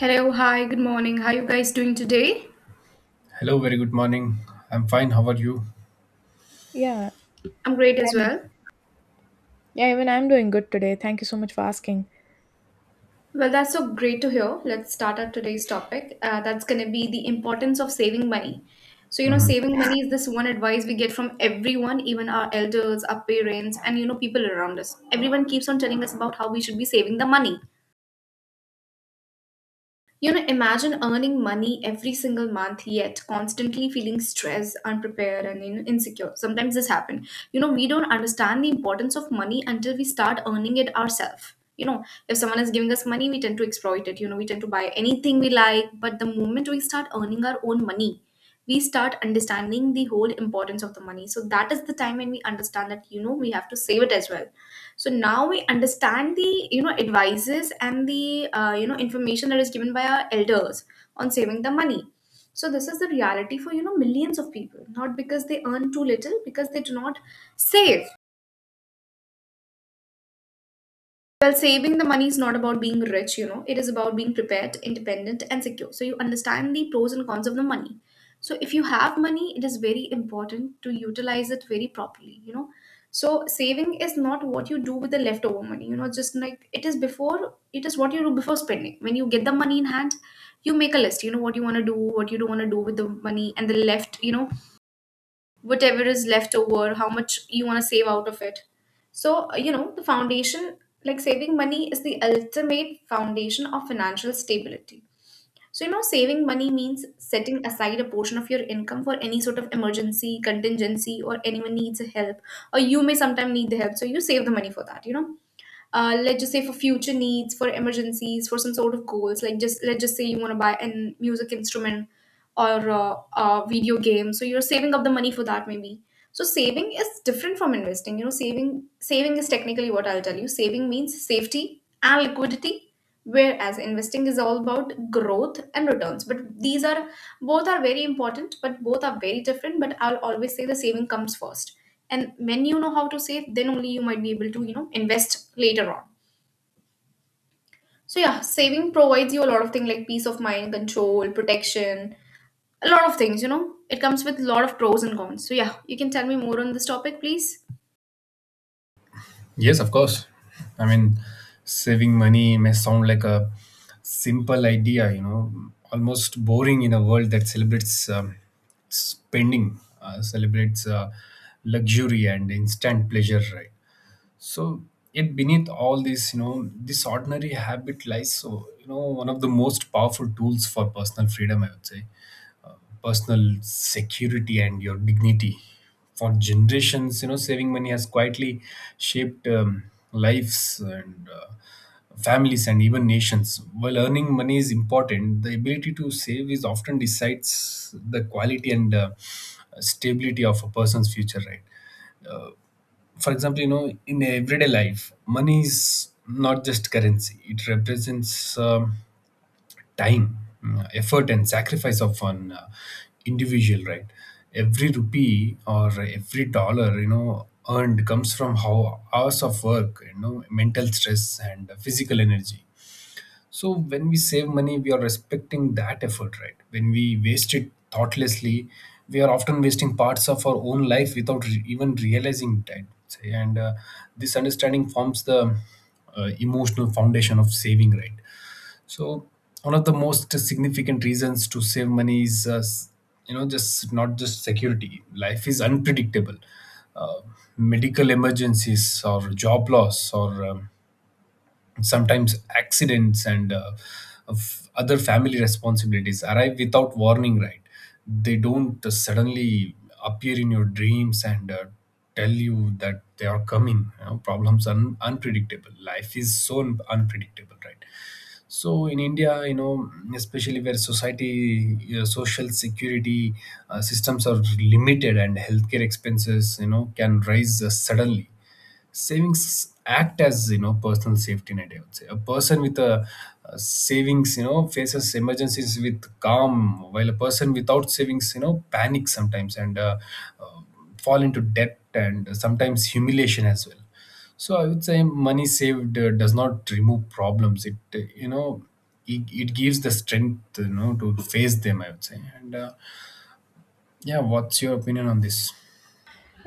Hello, hi, good morning. How you guys doing today? Hello, very good morning. I'm fine. How are you? Yeah, I'm great as and well. yeah, even I'm doing good today. Thank you so much for asking. Well, that's so great to hear. Let's start our today's topic. That's going to be the importance of saving money. So, Mhm. saving money is this one advice we get from everyone, even our elders, our parents, and, people around us. Everyone keeps on telling us about how we should be saving the money. Imagine earning money every single month, yet constantly feeling stressed, unprepared, and insecure. Sometimes this happens. We don't understand the importance of money until we start earning it ourselves. If someone is giving us money, we tend to exploit it. We tend to buy anything we like. But the moment we start earning our own money, we start understanding the whole importance of the money, so that is the time when we understand that we have to save it as well. So now we understand the advices and the information that is given by our elders on saving the money. So this is the reality for millions of people, not because they earn too little, because they do not save. Well, saving the money is not about being rich, it is about being prepared, independent, and secure. So, you understand the pros and cons of the money. So, if you have money, it is very important to utilize it very properly. So, saving is not what you do with the leftover money, just like it is before, it is what you do before spending. When you get the money in hand, you make a list, what you want to do, what you don't want to do with the money, and the left, you know, whatever is left over, how much you want to save out of it. So, the foundation, like saving money, is the ultimate foundation of financial stability. So, saving money means setting aside a portion of your income for any sort of emergency, contingency, or anyone needs help, or you may sometimes need the help. So, you save the money for that. Let's just say for future needs, for emergencies, for some sort of goals. Like just let's just say you want to buy a music instrument or a video game, so you're saving up the money for that maybe. So saving is different from investing. Saving is technically what I'll tell you. Saving means safety and liquidity, whereas investing is all about growth and returns. But these are both are very important, but both are very different. But I'll always say the saving comes first. And when you know how to save, then only you might be able to, invest later on. So yeah, saving provides you a lot of things like peace of mind, control, protection, a lot of things. It comes with a lot of pros and cons. So yeah, you can tell me more on this topic, please. Yes, of course. I mean, saving money may sound like a simple idea, almost boring in a world that celebrates spending, celebrates luxury and instant pleasure, right? So, yet beneath all this, this ordinary habit lies, so, one of the most powerful tools for personal freedom, I would say, personal security and your dignity. For generations, saving money has quietly shaped lives and families and even nations. While earning money is important, the ability to save is often decides the quality and stability of a person's future, right? For example, in everyday life, money is not just currency, it represents time, effort, and sacrifice of an individual, right? Every rupee or every dollar, earned comes from how hours of work, mental stress and physical energy. So when we save money, we are respecting that effort, right? When we waste it thoughtlessly, we are often wasting parts of our own life without even realizing that. And this understanding forms the emotional foundation of saving, right? So one of the most significant reasons to save money is, just not just security. Life is unpredictable. Uh, medical emergencies or job loss or sometimes accidents and of other family responsibilities arrive without warning, right? They don't suddenly appear in your dreams and tell you that they are coming. Problems are unpredictable. Life is so unpredictable, right? So in India, especially where society social security systems are limited and healthcare expenses can rise suddenly, savings act as personal safety net, I would say. A person with a savings faces emergencies with calm, while a person without savings panics sometimes and uh, fall into debt and sometimes humiliation as well. So I would say money saved does not remove problems, it gives the strength to face them, I would say. And yeah, what's your opinion on this?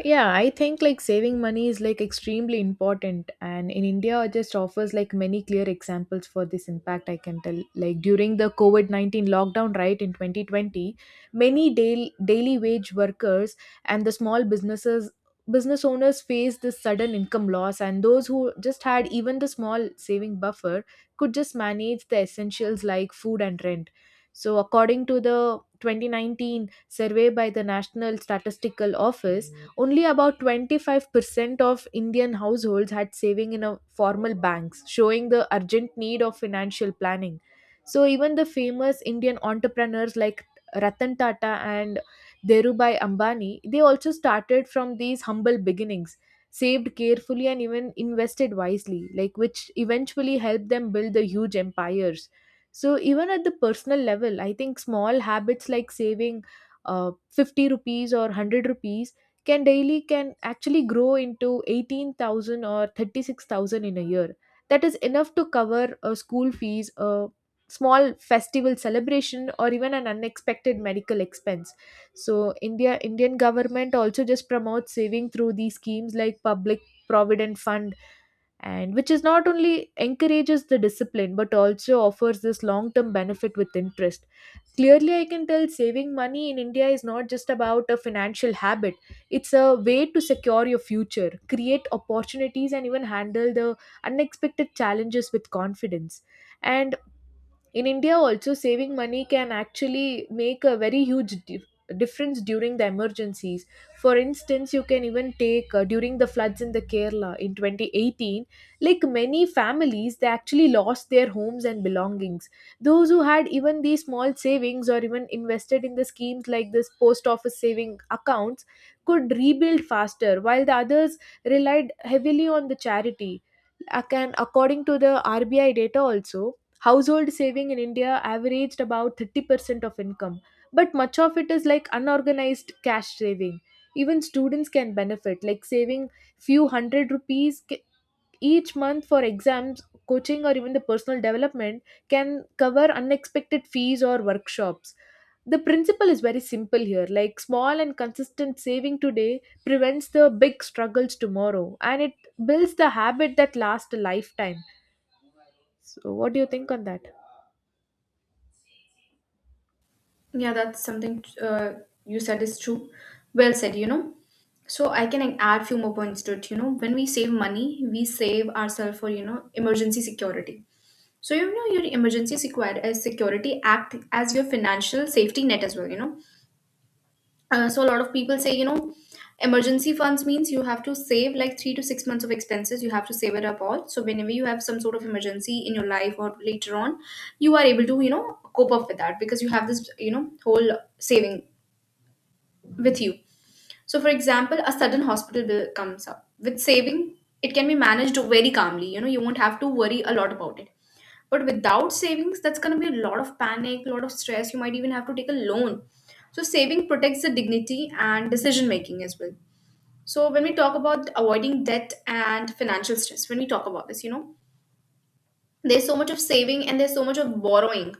Yeah, I think like saving money is like extremely important and in India it just offers like many clear examples for this impact I can tell. Like during the COVID-19 lockdown right in 2020, many daily wage workers and the small business owners faced this sudden income loss and those who just had even the small saving buffer could just manage the essentials like food and rent. So according to the 2019 survey by the National Statistical Office only about 25% of Indian households had saving in a formal banks, showing the urgent need of financial planning. So even the famous Indian entrepreneurs like Ratan Tata and Dhirubhai Ambani, they also started from these humble beginnings, saved carefully and even invested wisely, like which eventually helped them build the huge empires. So even at the personal level, I think small habits like saving ₹50 or ₹100 can daily can actually grow into 18,000 or 36,000 in a year. That is enough to cover a school fees, a small festival celebration or even an unexpected medical expense. So Indian government also just promotes saving through these schemes like public provident fund and which is not only encourages the discipline but also offers this long term benefit with interest. Clearly I can tell saving money in India is not just about a financial habit, it's a way to secure your future, create opportunities and even handle the unexpected challenges with confidence. And in India also saving money can actually make a very huge difference during the emergencies. For instance you can even take during the floods in the Kerala in 2018 like many families they actually lost their homes and belongings. Those who had even these small savings or even invested in the schemes like this post office saving accounts could rebuild faster while the others relied heavily on the charity. And according to the RBI data also household saving in India averaged about 30% of income, but much of it is like unorganized cash saving. Even students can benefit, like saving few hundred rupees each month for exams, coaching, or even the personal development can cover unexpected fees or workshops. The principle is very simple here, like small and consistent saving today prevents the big struggles tomorrow and it builds the habit that lasts a lifetime. So, what do you think on that? Yeah, that's something you said is true. Well said. So I can add few more points to it. When we save money, we save ourselves for emergency security. So your emergency security act as your financial safety net as well. So a lot of people say, emergency funds means you have to save like 3 to 6 months of expenses. You have to save it up all. So whenever you have some sort of emergency in your life or later on, you are able to, cope up with that because you have this, whole saving with you. So for example, a sudden hospital bill comes up. With saving, it can be managed very calmly. You won't have to worry a lot about it. But without savings, that's going to be a lot of panic, a lot of stress. You might even have to take a loan. So, saving protects the dignity and decision making as well. So, when we talk about avoiding debt and financial stress, when we talk about this, there's so much of saving and there's so much of borrowing.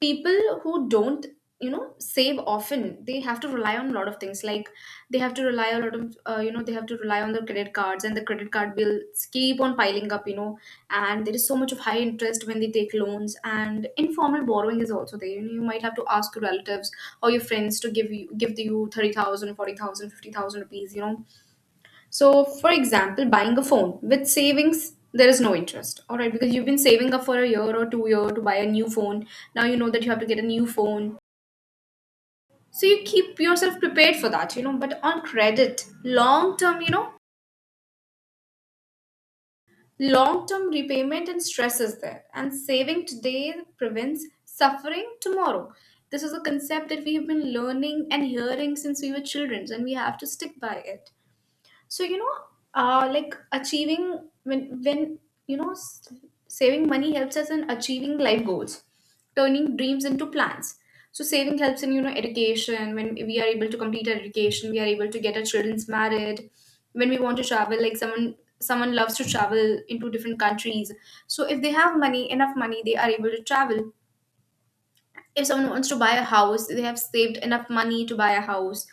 People who don't save often, they have to rely on a lot of things, like they have to rely a lot of they have to rely on the credit cards, and the credit card bills keep on piling up, and there is so much of high interest when they take loans. And informal borrowing is also there, you might have to ask your relatives or your friends to give you 30,000, 40,000, 50,000, 40,000 50,000 rupees, so, for example, buying a phone with savings, there is no interest, all right? Because you've been saving up for a year or 2 year to buy a new phone. Now you know that you have to get a new phone, so you keep yourself prepared for that. But on credit, long term, long term repayment and stress is there, and saving today prevents suffering tomorrow. This is a concept that we have been learning and hearing since we were children, and we have to stick by it. So like achieving, when you know s- saving money helps us in achieving life goals, turning dreams into plans. So saving helps in education. When we are able to complete our education, we are able to get our children's married. When we want to travel, like someone loves to travel into different countries, so if they have money enough money, they are able to travel. If someone wants to buy a house, they have saved enough money to buy a house.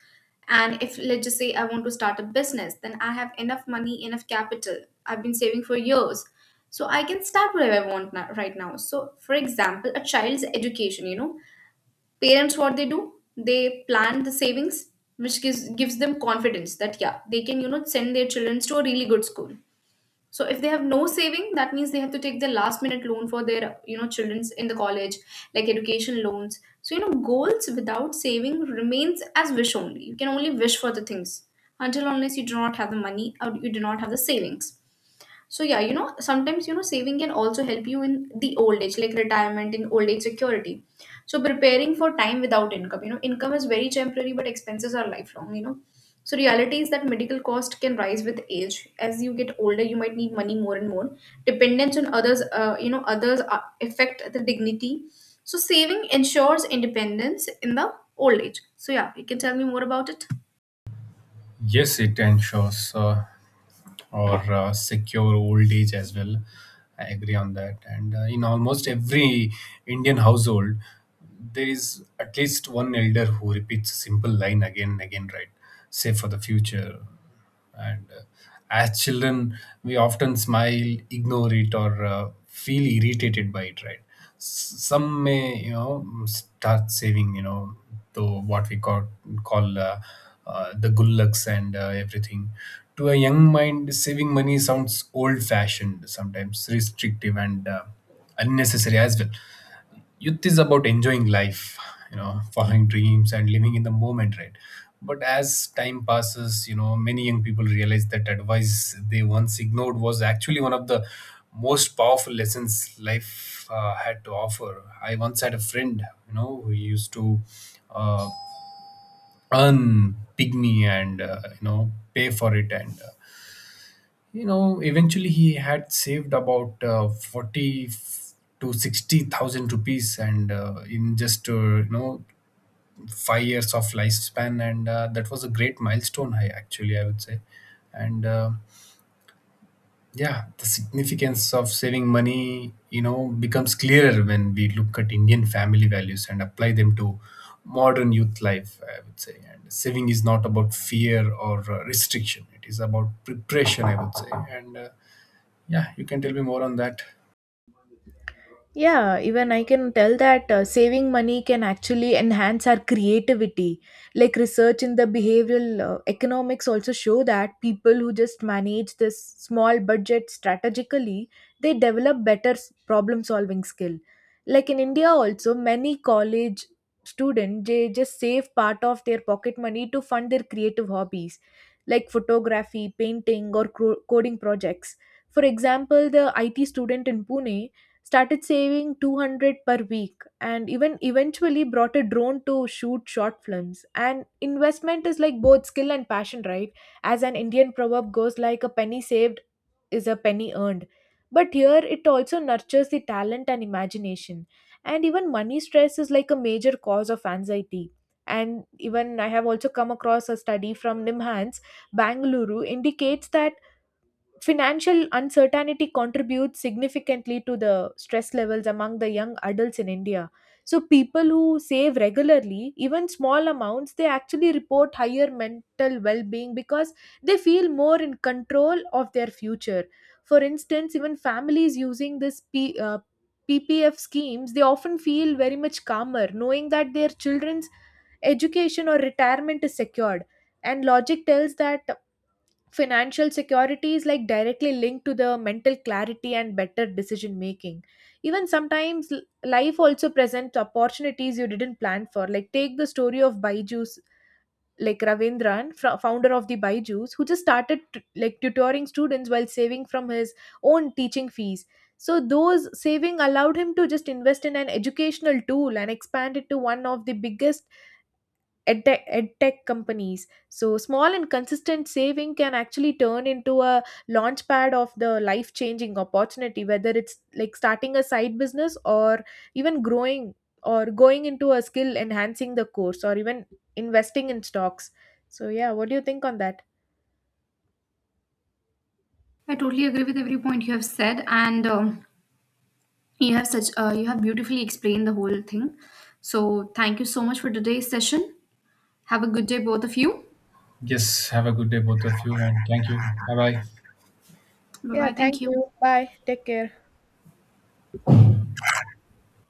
And if let's just say I want to start a business, then I have enough capital. I've been saving for years, so I can start whatever I want now, right now. So for example, a child's education, parents, what they do, they plan the savings, which gives them confidence that yeah, they can send their children to a really good school. So if they have no saving, that means they have to take the last minute loan for their children's in the college, like education loans. So goals without saving remains as wish only. You can only wish for the things until unless you do not have the money or you do not have the savings. So yeah, sometimes saving can also help you in the old age, like retirement in old age security. So preparing for time without income, income is very temporary, but expenses are lifelong. So reality is that medical cost can rise with age. As you get older, you might need money more and more. Dependence on others, others affect the dignity. So saving ensures independence in the old age. So yeah, you can tell me more about it. Yes, it ensures, or secure old age as well. I agree on that. And in almost every Indian household, there is at least one elder who repeats a simple line again and again, right? Save for the future. And as children, we often smile, ignore it, or feel irritated by it, right? Some may, start saving, to what we call the gullaks and everything. To a young mind, saving money sounds old-fashioned, sometimes restrictive and unnecessary as well. Youth is about enjoying life, following dreams and living in the moment, right? But as time passes, many young people realize that advice they once ignored was actually one of the most powerful lessons life had to offer. I once had a friend, who used to uh, earn pygmy and pay for it, and eventually he had saved about 40 to 60,000 rupees, and in just 5 years of lifespan, and that was a great milestone, I actually, I would say. And yeah, the significance of saving money becomes clearer when we look at Indian family values and apply them to modern youth life, I would say. And saving is not about fear or restriction, it is about preparation, I would say. And yeah, you can tell me more on that. Yeah, even I can tell that saving money can actually enhance our creativity. Like research in the behavioral economics also show that people who just manage this small budget strategically, they develop better problem solving skill. Like in India also, many college students they just save part of their pocket money to fund their creative hobbies like photography, painting or coding projects. For example, the IT student in Pune started saving 200 per week and even eventually brought a drone to shoot short films and investment is like both skill and passion, right? As an Indian proverb goes, like a penny saved is a penny earned, but here it also nurtures the talent and imagination. And even money stress is like a major cause of anxiety, and even I have also come across a study from NIMHANS Bangalore indicates that financial uncertainty contributes significantly to the stress levels among the young adults in India. So, people who save regularly, even small amounts, they actually report higher mental well being because they feel more in control of their future. For instance, even families using this PPF schemes, they often feel very much calmer knowing that their children's education or retirement is secured. And logic tells that financial security is like directly linked to the mental clarity and better decision making. Even sometimes life also presents opportunities you didn't plan for, like take the story of Baiju's like Ravindran, founder of the Baiju's who just started like tutoring students while saving from his own teaching fees. So those saving allowed him to just invest in an educational tool and expand it to one of the biggest edtech companies. So, small and consistent saving can actually turn into a launch pad of the life changing opportunity, whether it's like starting a side business or even growing or going into a skill enhancing the course or even investing in stocks. So, yeah, what do you think on that? Every point you have said, and you have beautifully explained the whole thing, so thank you so much for today's session. Have a good day, both of you. Yes, have a good day, both of you, and thank you. Bye bye. Bye Yeah, bye, thank thank you. you. Bye. Take care.